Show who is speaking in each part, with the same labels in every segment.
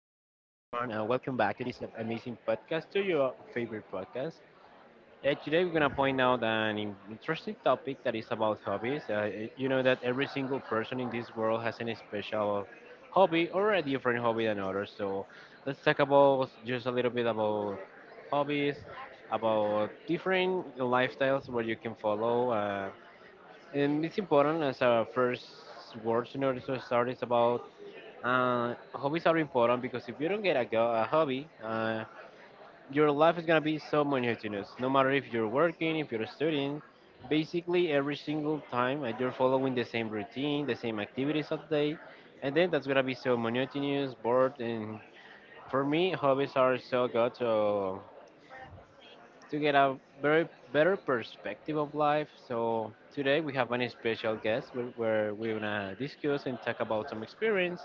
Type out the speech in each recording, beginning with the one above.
Speaker 1: everyone. Welcome back to this amazing podcast, to your favorite podcast. Today, we're going to point out an interesting topic that is about hobbies. You know that every single person in this world has an special hobby or a different hobby than others. So, let's talk about just a little bit about hobbies, about different lifestyles where you can follow. And it's important as our first words in order to start is about hobbies are important because if you don't get a hobby, your life is gonna be so monotonous. No matter if you're working, if you're studying, basically every single time you're following the same routine, the same activities of the day, and then that's gonna be so monotonous, bored. And for me, hobbies are so good. So to get a very better perspective of life. So today we have an special guest where we're gonna discuss and talk about some experience,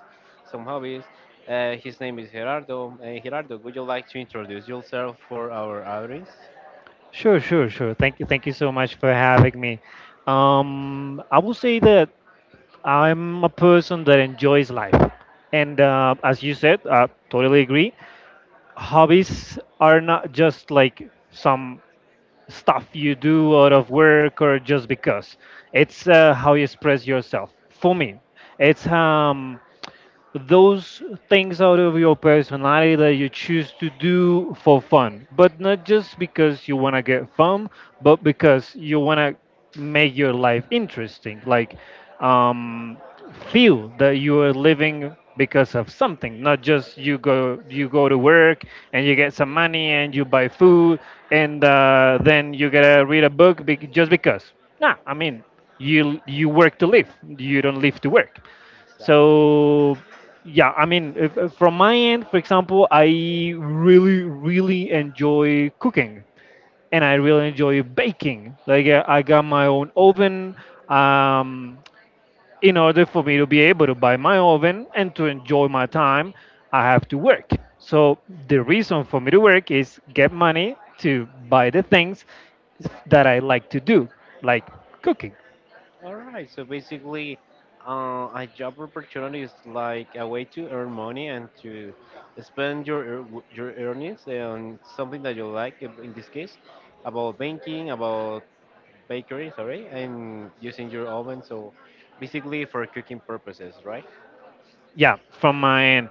Speaker 1: some hobbies. His name is Gerardo. Gerardo, would you like to introduce yourself for our audience?
Speaker 2: Sure. Thank you so much for having me. I will say that I'm a person that enjoys life, and as you said, I totally agree. Hobbies are not just like some stuff you do out of work or just because. It's how you express yourself. For me, it's those things out of your personality that you choose to do for fun, but not just because you want to get fun, but because you want to make your life interesting. Like, um, feel that you are living because of something, not just you go to work and you get some money and you buy food and then you gotta read a book just because. Nah, I mean you work to live. You don't live to work.
Speaker 1: Exactly.
Speaker 2: So yeah, I mean, if from my end, for example, I really, really enjoy cooking, and I really enjoy baking. Like I got my own oven. Um, in order for me to be able to buy my oven and to enjoy my time, I have to work. So the reason for me to work is get money to buy the things that I like to do, like cooking.
Speaker 1: All right. So basically, a job opportunity is like a way to earn money and to spend your your earnings on something that you like. In this case, about banking, about bakery, sorry, and using your oven. So basically for cooking purposes, right?
Speaker 2: Yeah, from my end,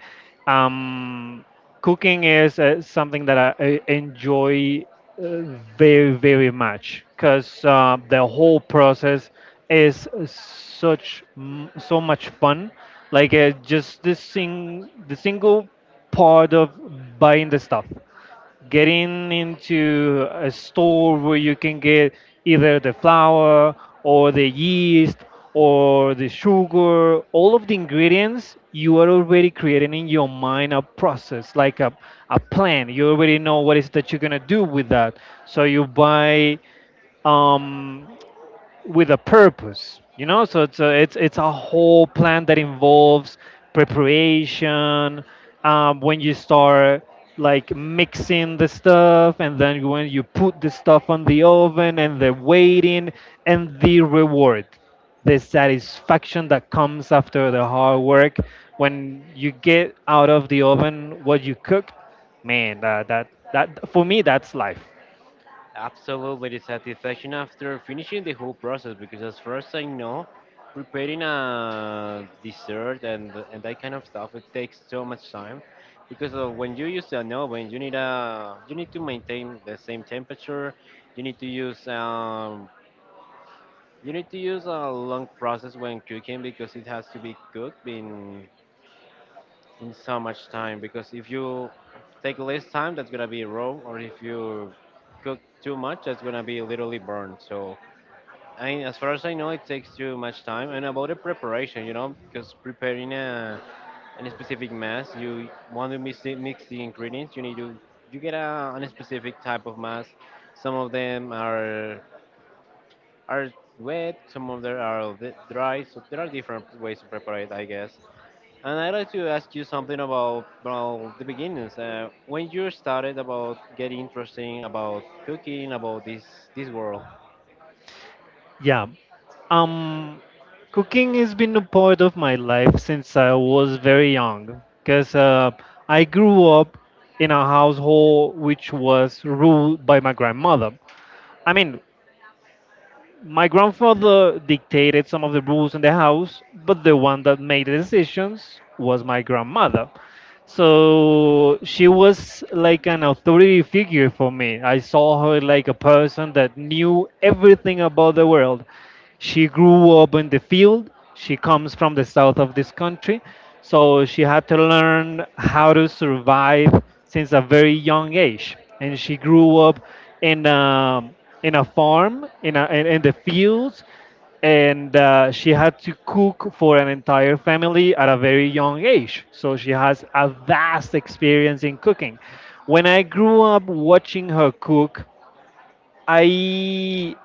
Speaker 2: um cooking is something that I enjoy uh, very, very much because the whole process is so much fun, like just this sing the single part of buying the stuff, getting into a store where you can get either the flour or the yeast or the sugar. All of the ingredients, you are already creating in your mind a process, like a plan. You already know what is that you're gonna do with that. So you buy, um, with a purpose, you know, so it's it's a whole plan that involves preparation, when you start like mixing the stuff, and then when you put the stuff on the oven, and the waiting, and the reward, the satisfaction that comes after the hard work, when you get out of the oven what you cooked. Man, that for me, that's life.
Speaker 1: Absolutely, the satisfaction after finishing the whole process, because as first I know preparing a dessert and that kind of stuff, it takes so much time because when you use an oven, you need a you need to maintain the same temperature. You need to use you need to use a long process when cooking because it has to be cooked in so much time, because if you take less time, that's gonna be raw, or if you cook too much, that's gonna be literally burned. So I, as far as I know, it takes too much time. And about the preparation, you know, because preparing a any specific mass, you want to mix mix the ingredients. You need to you get a specific type of mass. Some of them are wet, some of them are a bit dry, so there are different ways to prepare it, I guess. And I'd like to ask you something about, well, the beginnings. When you started about getting interesting about cooking, about this world.
Speaker 2: Yeah. Um, Cooking has been a part of my life since I was very young because I grew up in a household which was ruled by my grandmother. I mean, my grandfather dictated some of the rules in the house, but the one that made the decisions was my grandmother. So she was like an authority figure for me. I saw her like a person that knew everything about the world. She grew up in the field. She comes from the south of this country. So she had to learn how to survive since a very young age. And she grew up in a, in a farm, in the fields. And she had to cook for an entire family at a very young age. So she has a vast experience in cooking. When I grew up watching her cook, I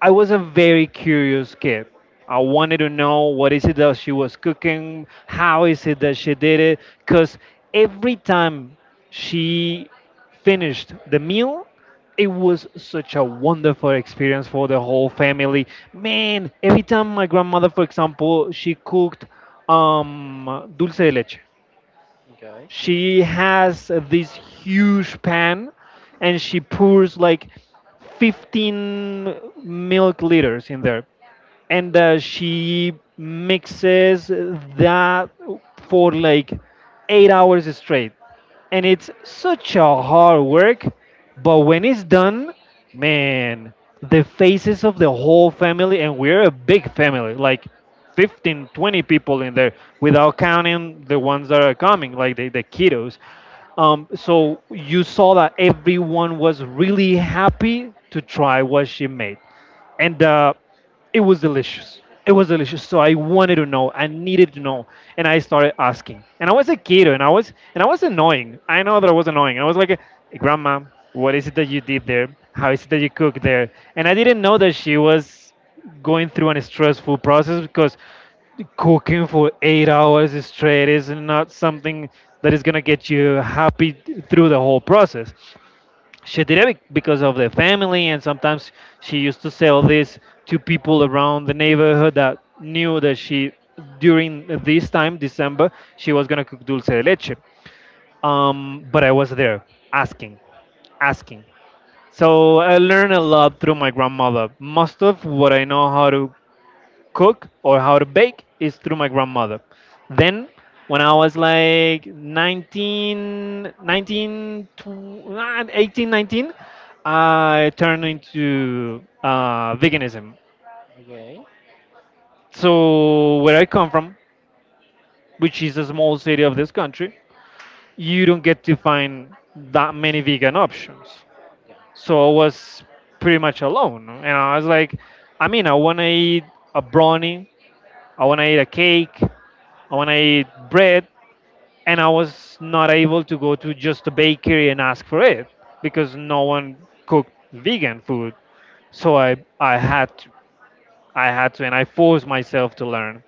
Speaker 2: I was a very curious kid. I wanted to know what is it that she was cooking, how is it that she did it, because every time she finished the meal, it was such a wonderful experience for the whole family. Man, every time my grandmother, for example, she cooked dulce de leche,
Speaker 1: Okay.
Speaker 2: she has this huge pan and she pours like 15 milk liters in there, and she mixes that for like 8 hours straight, and it's such a hard work. But when it's done, man, the faces of the whole family! And we're a big family, like 15, 20 people in there, without counting the ones that are coming, like the kiddos. So you saw that everyone was really happy to try what she made, and it was delicious. It was delicious. So I wanted to know. I needed to know, and I started asking. And I was a kid, and I was annoying. I know that I was annoying. And I was like, "Hey, Grandma, what is it that you did there? How is it that you cook there?" And I didn't know that she was going through a stressful process because cooking for 8 hours straight is not something that is gonna get you happy through the whole process. She did it because of the family, and sometimes she used to sell this to people around the neighborhood that knew that she, during this time, December, she was going to cook dulce de leche. But I was there, asking, asking. So I learned a lot through my grandmother. Most of what I know how to cook or how to bake is through my grandmother. Then, when I was like 18, 19, I turned into veganism.
Speaker 1: Okay.
Speaker 2: So, where I come from, which is a small city of this country, you don't get to find that many vegan options.
Speaker 1: Yeah.
Speaker 2: So I was pretty much alone, no? And I was like, I mean, I want to eat a brownie, I want to eat a cake, I want to eat bread, and I was not able to go to just a bakery and ask for it because no one cooked vegan food. So I had to, I had to, and I forced myself to learn.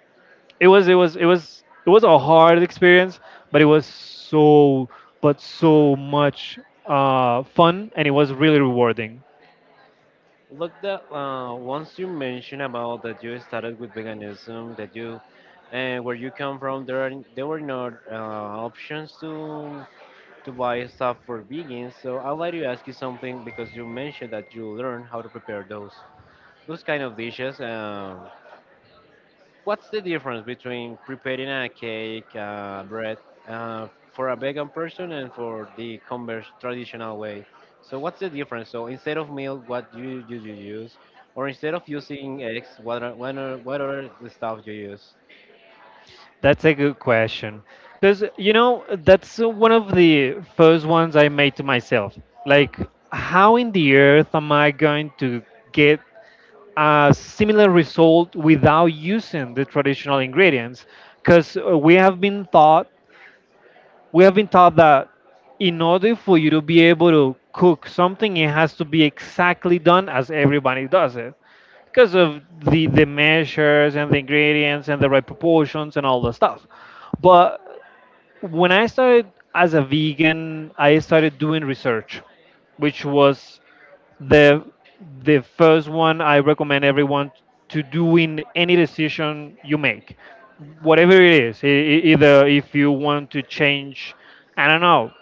Speaker 2: It was it was a hard experience, but it was so but so much fun, and it was really rewarding.
Speaker 1: Look, that once you mentioned about that you started with veganism, that you and where you come from, there were not options to buy stuff for vegans. So I'd like to ask you something because you mentioned that you learned how to prepare those kind of dishes. What's the difference between preparing a cake, bread, uh, for a vegan person and for the converse traditional way? So what's the difference? So instead of milk, do you use? Or instead of using eggs, what are the stuff you use?
Speaker 2: That's a good question. Because, you know, that's one of the first ones I made to myself. Like, how in the earth am I going to get a similar result without using the traditional ingredients, because we have been taught that in order for you to be able to cook something, it has to be exactly done as everybody does it, because of the measures and the ingredients and the right proportions and all the stuff. But when I started as a vegan, I started doing research, which was the the first one I recommend everyone to do in any decision you make, whatever it is. Either if you want to change, I don't know,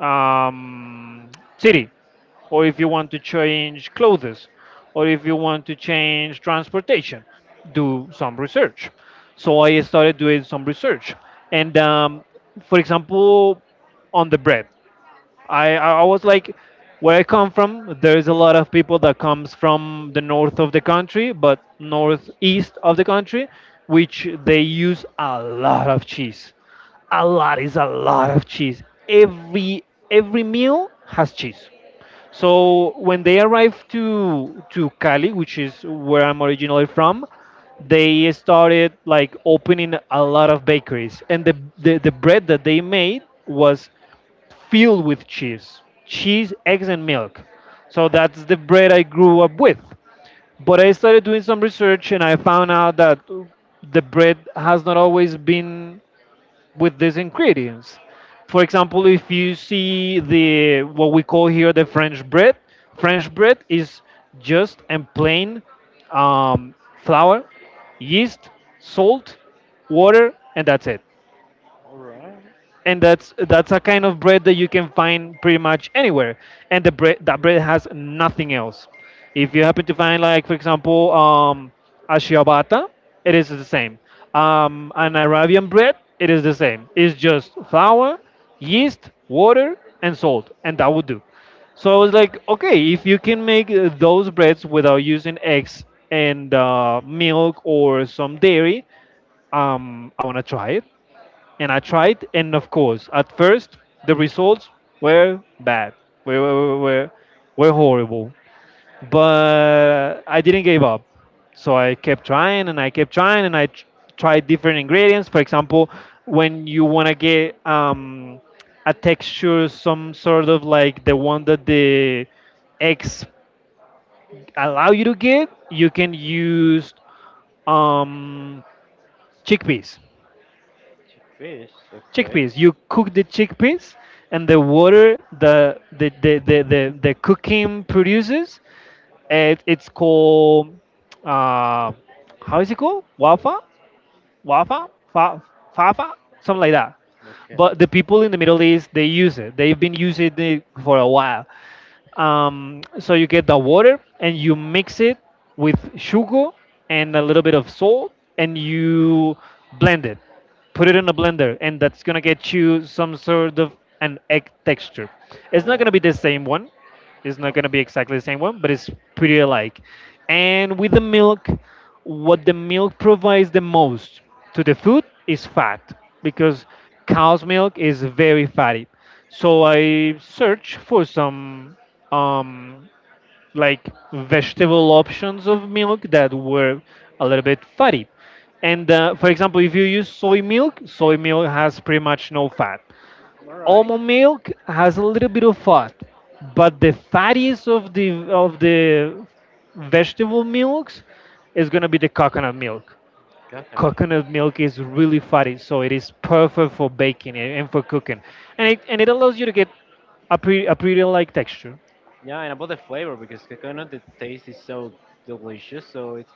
Speaker 2: uh, um, city, or if you want to change clothes, or if you want to change transportation, do some research. So I started doing some research, and for example, on the bread. I was like, where I come from, there is a lot of people that comes from the north of the country, but northeast of the country, which they use a lot of cheese. A lot is a lot of cheese. Every every meal has cheese. So when they arrived to Cali, which is where I'm originally from, they started like opening a lot of bakeries, and the bread that they made was filled with cheese, cheese, eggs, and milk. So that's the bread I grew up with. But I started doing some research and I found out that the bread has not always been with these ingredients. For example, if you see the what we call here the French bread is just and plain um, flour, yeast, salt, water, and that's it.
Speaker 1: All right,
Speaker 2: And that's a kind of bread that you can find pretty much anywhere, and the bread that bread has nothing else. If you happen to find, like, for example, a ciabatta, it is the same. An arabian bread, it is the same. It's just flour, yeast, water, and salt, and that would do. So I was like, okay, if you can make those breads without using eggs and milk or some dairy, I want to try it. And I tried, and of course, at first the results were bad, were were, were, were horrible. But I didn't give up, so I kept trying and I kept trying, and I tried different ingredients. For example, when you want to get a texture, some sort of like the one that the eggs allow you to get, you can use um, chickpeas,
Speaker 1: fish. Okay,
Speaker 2: chickpeas. You cook the chickpeas, and the water the cooking produces, it's called uh, how is it called? Wafa, wafa, fa, fafa, something like that. But the
Speaker 1: okay.
Speaker 2: people in the Middle East they use it. They've been using it for a while. So you get the water and you mix it with sugar and a little bit of salt, and you blend it. Put it in a blender, and that's gonna get you some sort of an egg texture. It's not gonna
Speaker 1: Oh,
Speaker 2: be the same one, it's not gonna be exactly the same one, but it's pretty alike. And with the milk, what the milk provides the most to the food is fat, because cow's milk is very fatty. So I search for some um, like vegetable options of milk that were a little bit fatty. And for example, if you use soy milk has pretty much no fat,
Speaker 1: all right.
Speaker 2: almond milk has a little bit of fat, but the fattiest of the vegetable milks is gonna be the coconut milk.
Speaker 1: Coconut.
Speaker 2: Coconut milk is really fatty, so it is perfect for baking and for cooking, and it allows you to get a pretty like texture.
Speaker 1: Yeah, and about the flavor, because coconut, the taste is so delicious. So it's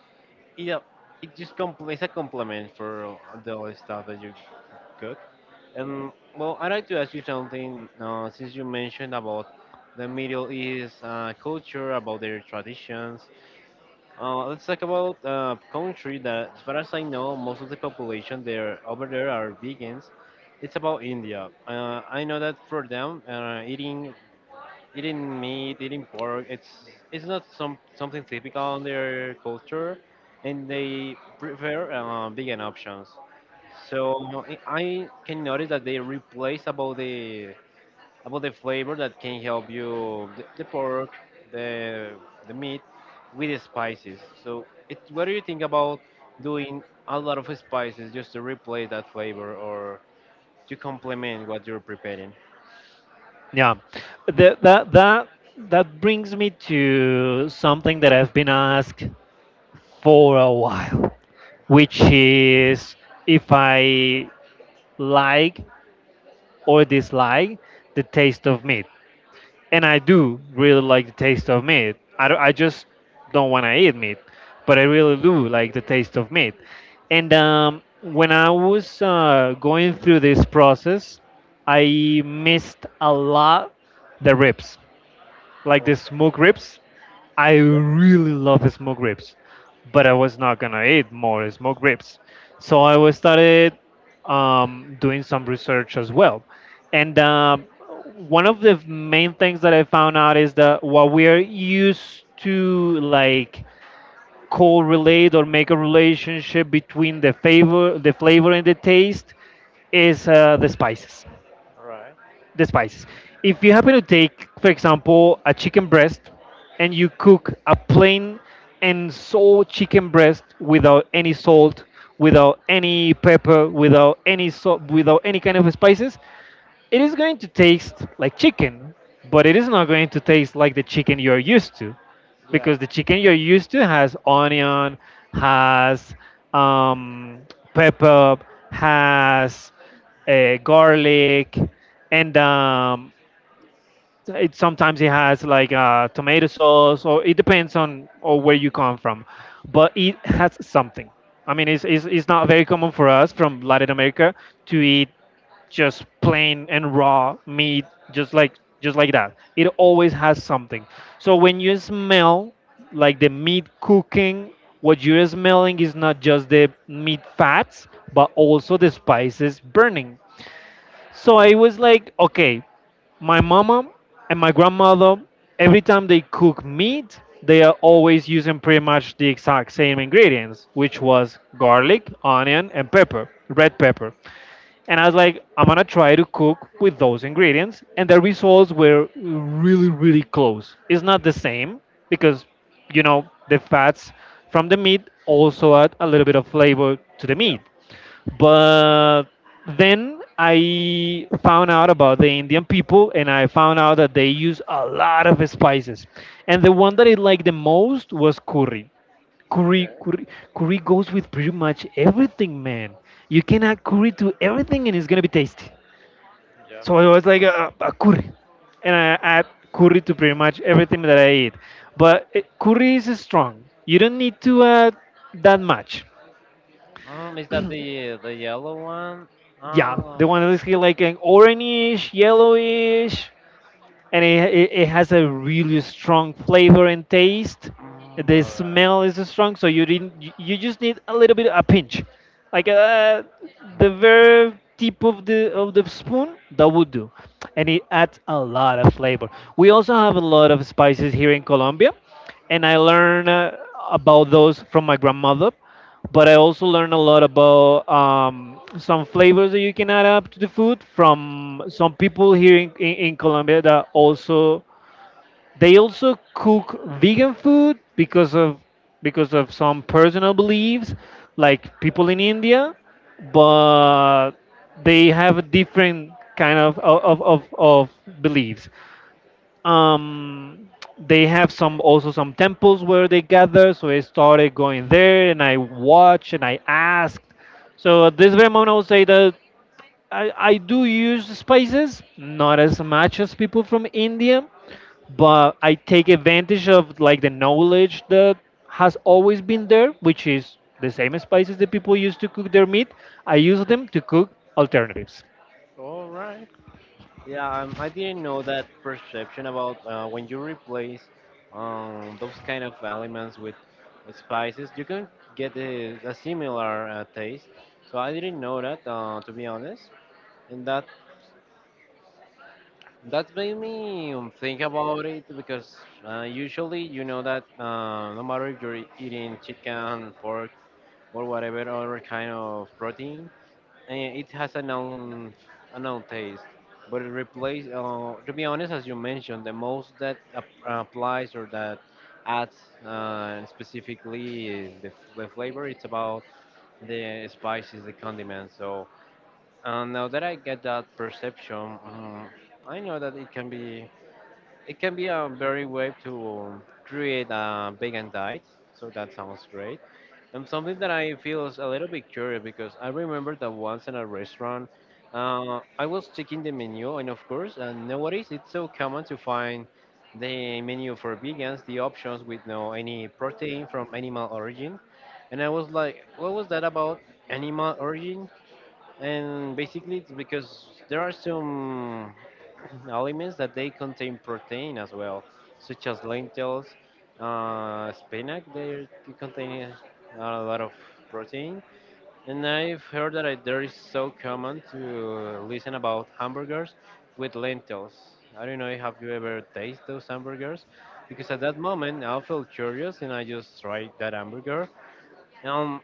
Speaker 1: yeah, it just it's a compliment for the other stuff that you cook. And well, I'd like to ask you something. Since you mentioned about the Middle East culture, about their traditions, let's talk about a country that, as far as I know, most of the population there over there are vegans. It's about India. I know that for them, eating meat, eating pork. It's not some something typical in their culture, and they prefer vegan options. So I can notice that they replace about the flavor that can help you the pork, the the meat with the spices. So it, what do you think about doing a lot of spices just to replace that flavor or to complement what you're preparing?
Speaker 2: Yeah, the, that that that brings me to something that I've been asked for a while,
Speaker 1: Right.
Speaker 2: which is if I like or dislike the taste of meat. And I do really like the taste of meat. I just don't want to eat meat, but I really do like the taste of meat. And when I was going through this process, I missed a lot the ribs, like the smoked ribs. I really love smoked ribs, but I was not gonna eat more smoked ribs. So I was started doing some research as well, and one of the main things that I found out is that what we are used to, like, correlate or make a relationship between the flavor and the taste is the spices,
Speaker 1: All right.
Speaker 2: the spice. If you happen to take, for example, a chicken breast and you cook a plain and sole chicken breast without any salt, without any pepper, without any kind of spices, it is going to taste like chicken, but it is not going to taste like the chicken you're used to,
Speaker 1: Yeah.
Speaker 2: because the chicken you're used to has onion, has um, pepper, has garlic, and it sometimes it has like tomato sauce, or it depends on or where you come from, but it has something. I mean, it's not very common for us from Latin America to eat just plain and raw meat, just like, just like that, it always has something. So when you smell like the meat cooking, what you're smelling is not just the meat fats but also the spices burning. So I was like, okay, my mama and my grandmother, every time they cook meat, they are always using pretty much the exact same ingredients, which was garlic, onion, and pepper, red pepper. And I was like, I'm gonna try to cook with those ingredients. And the results were really, really close. It's not the same because, you know, the fats from the meat also add a little bit of flavor to the meat. But then I found out about the Indian people and I found out that they use a lot of spices. And the one that I liked the most was curry. Curry, curry, curry goes with pretty much everything, man. You can add curry to everything and it's gonna be tasty. So it was like a curry, and I add curry to pretty much everything that I eat. But curry is strong. You don't need to add that much.
Speaker 1: Is that the yellow one?
Speaker 2: Yeah,
Speaker 1: Oh,
Speaker 2: the one that is here like an orangish, yellowish, and it has a really strong flavor and taste. The
Speaker 1: all right,
Speaker 2: smell is strong, so you didn't. You just need a little bit, a pinch, like the very tip of the spoon. That would do, and it adds a lot of flavor. We also have a lot of spices here in Colombia, and I learned about those from my grandmother. But I also learned a lot about some flavors that you can add up to the food from some people here in Colombia that also they also cook vegan food because of some personal beliefs, like people in India, but they have a different kind of beliefs. um they have some, also some temples where they gather, so I started going there and I watched and I asked. So at this very moment I would say that I do use spices, not as much as people from India, but I take advantage of, like, the knowledge that has always been there, which is the same spices that people use to cook their meat, I use them to cook alternatives.
Speaker 1: all right. Yeah, I didn't know that perception about when you replace those kind of elements with spices, you can get a similar taste. So I didn't know that, to be honest. And that made me think about it because usually you know that no matter if you're eating chicken, pork, or whatever other kind of protein, and it has a known taste, but it replace to be honest, as you mentioned, the most that applies or that adds specifically is the flavor. It's about the spices, the condiments. So now that I get that perception, I know that it can be a very way to create a vegan diet, so that sounds great. And something that I feel is a little bit curious, because I remember that once in a restaurant, I was checking the menu, and of course, nowadays it's so common to find the menu for vegans, the options with no any protein from animal origin, and I was like, what was that about animal origin? And basically it's because there are some aliments that they contain protein as well, such as lentils, spinach. They contain a lot of protein. And I've heard that it, there is so common to listen about hamburgers with lentils. I don't know, have you ever tasted those hamburgers? Because at that moment I felt curious and I just tried that hamburger. um,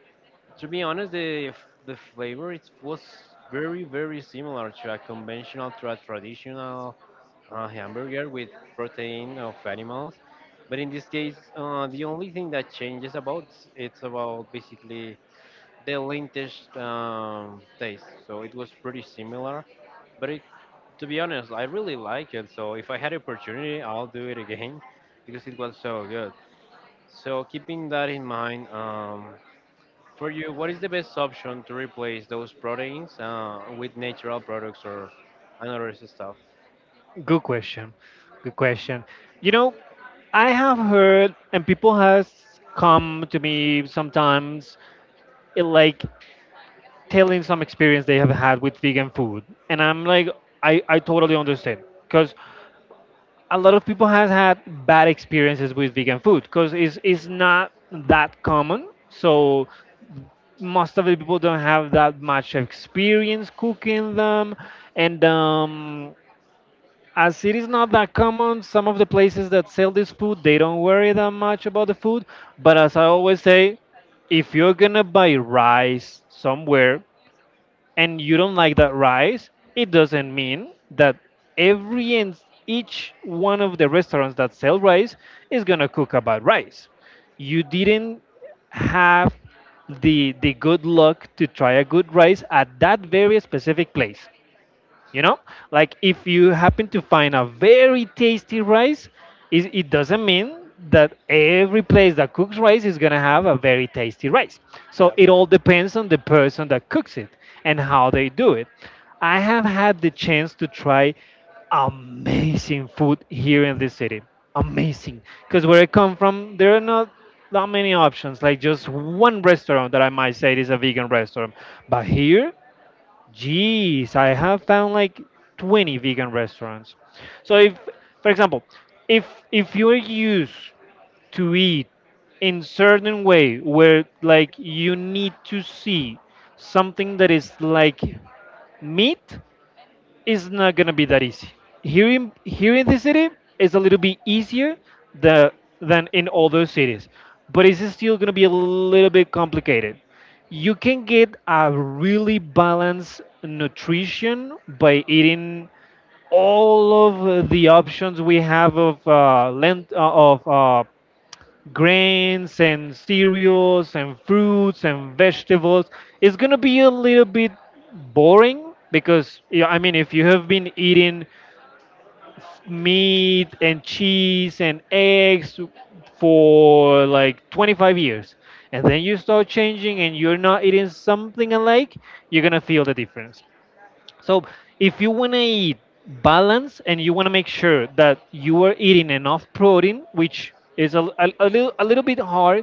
Speaker 1: to be honest, the the flavor, it was very very similar to a conventional to a traditional hamburger with protein of animals, but in this case, the only thing that changes about it's about basically the lentil taste. So it was pretty similar, but it, to be honest, I really like it. So if I had opportunity, I'll do it again because it was so good. So keeping that in mind. For you, what is the best option to replace those proteins with natural products or another stuff?
Speaker 2: Good question. Good question. You know, I have heard, and people has come to me sometimes, like, telling some experience they have had with vegan food, and I'm like, I totally understand, because a lot of people has had bad experiences with vegan food, because it's not that common, so most of the people don't have that much experience cooking them, and as it is not that common, some of the places that sell this food, they don't worry that much about the food. But as I always say, if you're gonna buy rice somewhere and you don't like that rice, it doesn't mean that every and each one of the restaurants that sell rice is gonna cook about rice. You didn't have the good luck to try a good rice at that very specific place, you know, like if you happen to find a very tasty rice, it doesn't mean that every place that cooks rice is going to have a very tasty rice. So it
Speaker 1: Yep.
Speaker 2: all depends on the person that cooks it and how they do it. I have had the chance to try amazing food here in this city, amazing, because where I come from there are not that many options, like just one restaurant that I might say is a vegan restaurant. But here, Jeez, I have found like 20 vegan restaurants. So if, for example, if if you're used to eat in certain way where, like, you need to see something that is like meat, it's not gonna be that easy. Here in the city, it's a little bit easier the, than in other cities, but it's still gonna be a little bit complicated. You can get a really balanced nutrition by eating all of the options we have of grains and cereals and fruits and vegetables. Is going to be a little bit boring because, yeah, I mean, if you have been eating meat and cheese and eggs for like 25 years and then you start changing and you're not eating something alike, you're going to feel the difference. So if you want to eat balance and you want to make sure that you are eating enough protein, which is a little bit hard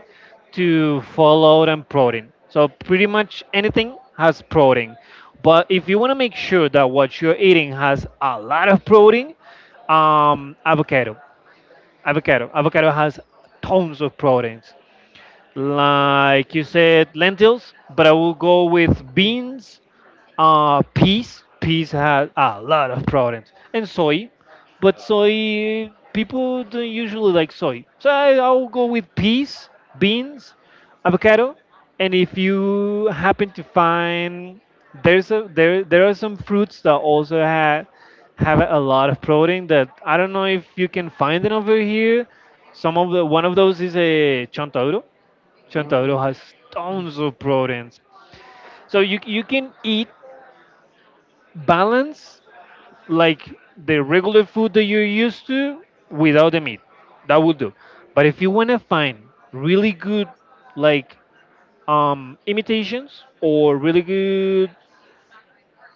Speaker 2: to follow than protein. So pretty much anything has protein. But if you want to make sure that what you're eating has a lot of protein, avocado, avocado, avocado has tons of proteins, like you said, lentils, but I will go with beans, peas. Peas had a lot of proteins, and soy, but
Speaker 1: So,
Speaker 2: soy, people don't usually like soy, so I'll go with peas, beans, avocado. And if you happen to find, there's a there there are some fruits that also have a lot of protein that I don't know if you can find it over here. Some of the one of those is a chontaduro. Chontaduro
Speaker 1: mm,
Speaker 2: has tons of proteins. So you can eat balance, like, the regular food that you're used to without the meat. That will do. But if you want to find really good, like, imitations or really good,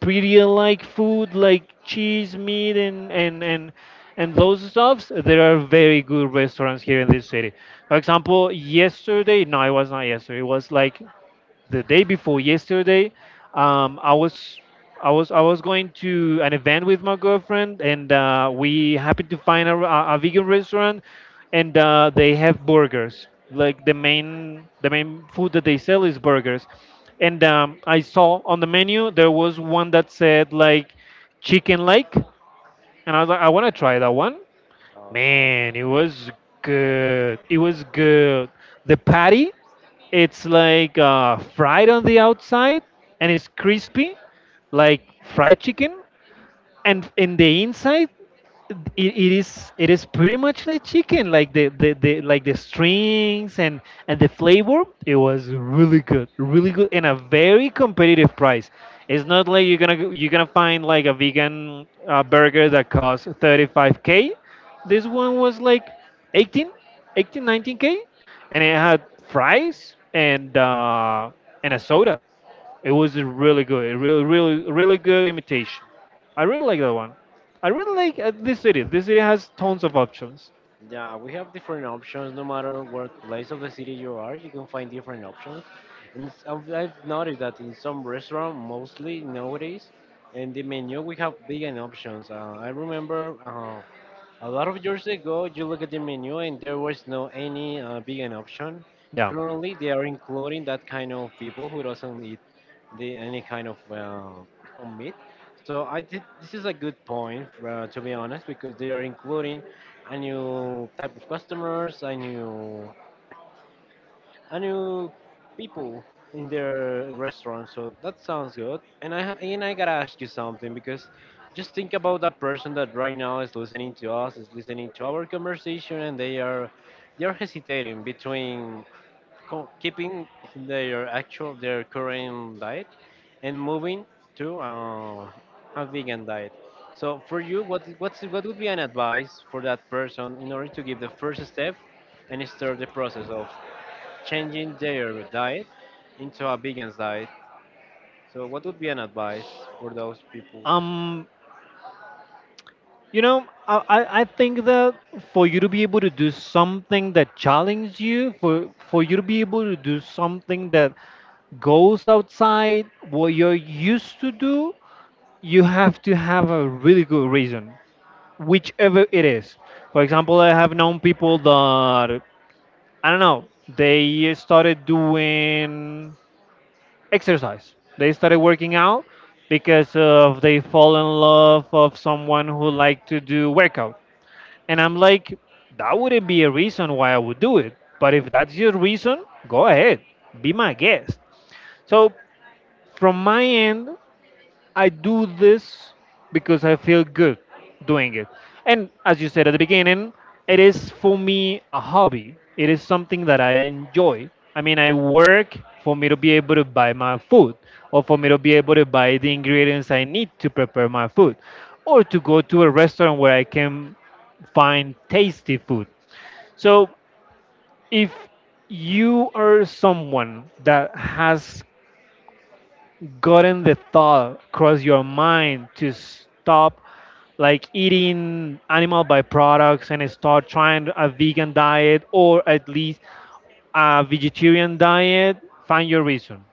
Speaker 2: prettier like food, like cheese, meat, and those stuffs, there are very good restaurants here in this city. For example, yesterday, no, it was not yesterday. It was like the day before yesterday, I was, I was going to an event with my girlfriend, and we happened to find a vegan restaurant, and they have burgers, like the main, the main food that they sell is burgers. And I saw on the menu there was one that said like chicken lake, and I was like, I want to try that one.
Speaker 1: all right.
Speaker 2: Man, it was good. It was good. The patty, it's like fried on the outside, and it's crispy, like fried chicken, and in the inside, it is pretty much like chicken, like the strings, and the flavor, it was really good, really good, and a very competitive price. It's not like you're gonna find like a vegan burger that costs 35K. This one was like 18, 18, 19K, and it had fries and a soda. It was a really good, a really, really, really good imitation. I really like that one. I really like this city. This city has tons of options.
Speaker 1: Yeah, we have different options. No matter what place of the city you are, you can find different options. And I've noticed that in some restaurant, mostly nowadays, in the menu we have vegan options. I remember a lot of years ago, you look at the menu and there was no any vegan option.
Speaker 2: Yeah.
Speaker 1: Currently, they are including that kind of people who doesn't eat any kind of meat. So I did, this is a good point, to be honest, because they are including a new type of customers, a new I knew people in their restaurant, so that sounds good. And I gotta ask you something because just think about that person that right now is listening to us, is listening to our conversation, and they are hesitating between keeping their current diet and moving to a vegan diet. So for you, what would be an advice for that person in order to give the first step and start the process of changing their diet into a vegan diet. So, what would be an advice for those people?
Speaker 2: Um. I think that for you to be able to do something that challenges you, for you to be able to do something that goes outside what you're used to do, you have to have a really good reason, whichever it is. For example, I have known people that I don't know, they started doing exercise. They started working out because of they fall in love of someone who like to do workout. And I'm like, that wouldn't be a reason why I would do it. But if that's your reason, go ahead, be my guest. So from my end, I do this because I feel good doing it. And as you said at the beginning, it is for me a hobby. It is something that I enjoy. I mean, I work for me to be able to buy my food or for me to be able to buy the ingredients I need to prepare my food or to go to a restaurant where I can find tasty food. So if you are someone that has gotten the thought cross your mind to stop like eating animal byproducts and start trying a vegan diet or at least a vegetarian diet? Find your reason,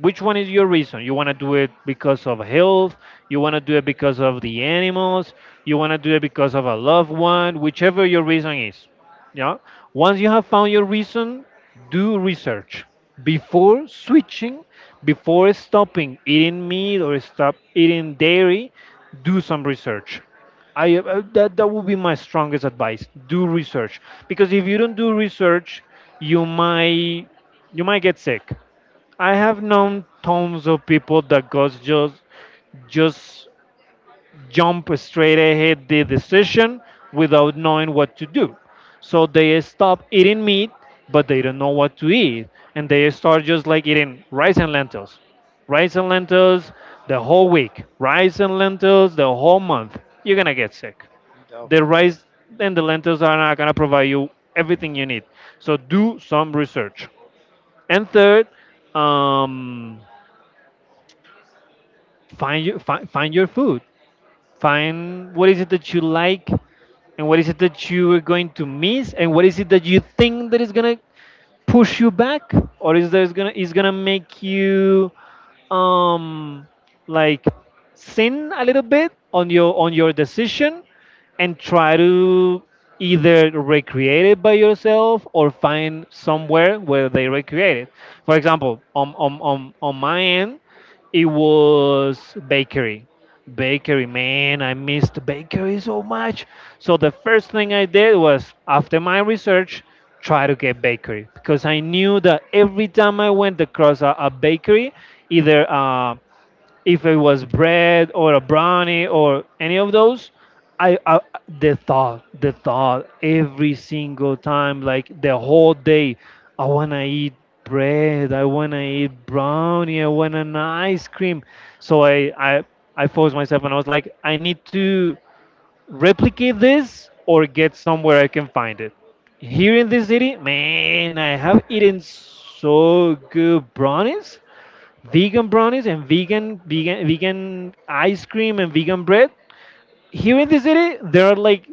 Speaker 2: which one is your reason? You want to do it because of health, you want to do it because of the animals, you want to do it because of a loved one, whichever your reason is. Yeah. Once you have found your reason, do research before switching, before stopping eating meat or stop eating dairy. Do some research. I That would be my strongest advice. Do research because if you don't do research, you might you might get sick. I have known tons of people that goes just jump straight ahead the decision without knowing what to do. So they stop eating meat, but they don't know what to eat, and they start just like eating rice and lentils the whole week, rice and lentils the whole month. You're gonna get sick. The
Speaker 1: Of course.
Speaker 2: rice and the lentils are not gonna provide you everything you need. So do some research. And third, um, find your food, find what is it that you like and what is it that you are going to miss and what is it that you think that is going to push you back or is gonna make you um like sin a little bit on your decision and try to either recreate it by yourself or find somewhere where they recreate it. For example, on my end it was bakery. Bakery, man, I missed bakery so much. So the first thing I did was, after my research, try to get bakery because I knew that every time I went across a bakery, either if it was bread or a brownie or any of those, I the thought every single time like the whole day, I want to eat bread, I want to eat brownie, I want an ice cream. So I forced myself and I was like I need to replicate this or get somewhere I can find it. Here in this city, man, I have eaten so good brownies, vegan brownies and vegan ice cream and vegan bread. Here in the city, there are like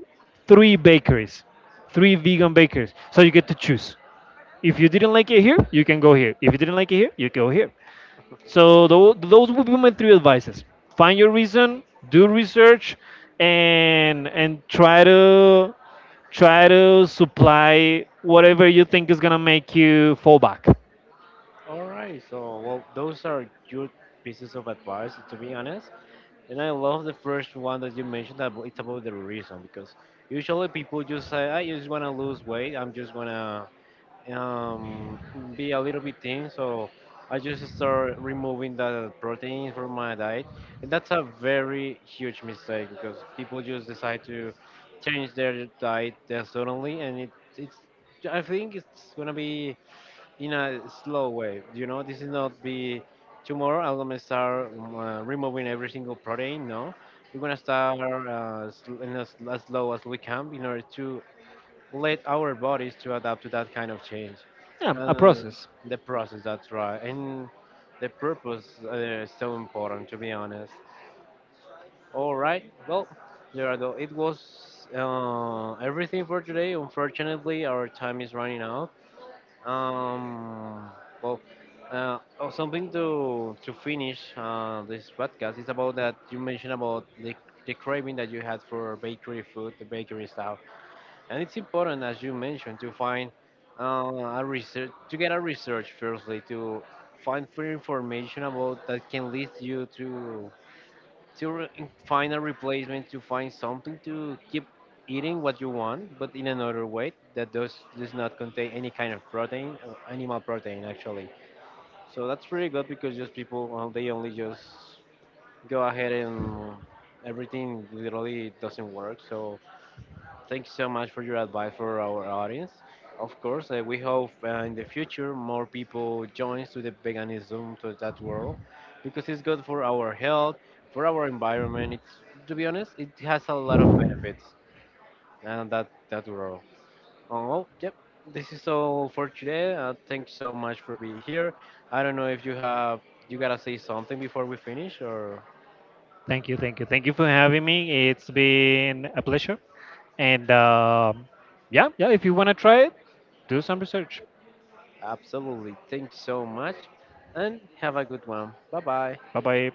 Speaker 2: three bakeries, three vegan bakeries. So you get to choose. If you didn't like it here, you can go here. If you didn't like it here, you go here. So those would be my three advices. Find your reason, do research, and try to try to supply whatever you think is gonna make you fall back.
Speaker 1: All right. So, well, those are good pieces of advice, to be honest. And I love the first one that you mentioned. That it's about the reason, because usually people just say, "I just want to lose weight. I'm just gonna um, be a little bit thin. So I just start removing the protein from my diet," and that's a very huge mistake because people just decide to change their diet there suddenly, and it, it's I think it's gonna be in a slow way. You know, this is not be tomorrow. I'm gonna start removing every single protein. No, we're gonna start sl- in as low as we can in order to let our bodies to adapt to that kind of change.
Speaker 2: Yeah, a
Speaker 1: uh,
Speaker 2: process.
Speaker 1: the process, that's right. And the purpose, is so important, to be honest. All right, well, Gerardo, it was everything for today. Unfortunately our time is running out. um, well, oh, something to finish this podcast is about that you mentioned about the craving that you had for bakery food, the bakery stuff. And it's important, as you mentioned, to find a research, to get a research firstly, to find free information about that can lead you to find a replacement, to find something to keep eating what you want, but in another way that does not contain any kind of protein or animal protein actually. So that's pretty good because just people, well, they only just go ahead and everything literally doesn't work. So thank you so much for your advice for our audience. Of course, we hope in the future more people joins to the veganism, to that world, because it's good for our health, for our environment. It's to be honest, it has a lot of benefits and that that world. Oh, well, yep. This is all for today. Thank so much for being here. I don't know if you have you gotta say something before we finish or
Speaker 2: Thank you for having me. It's been a pleasure. And yeah, if you want to try it, do some research.
Speaker 1: absolutely. Thanks so much and have a good one. Bye bye.
Speaker 2: Bye bye.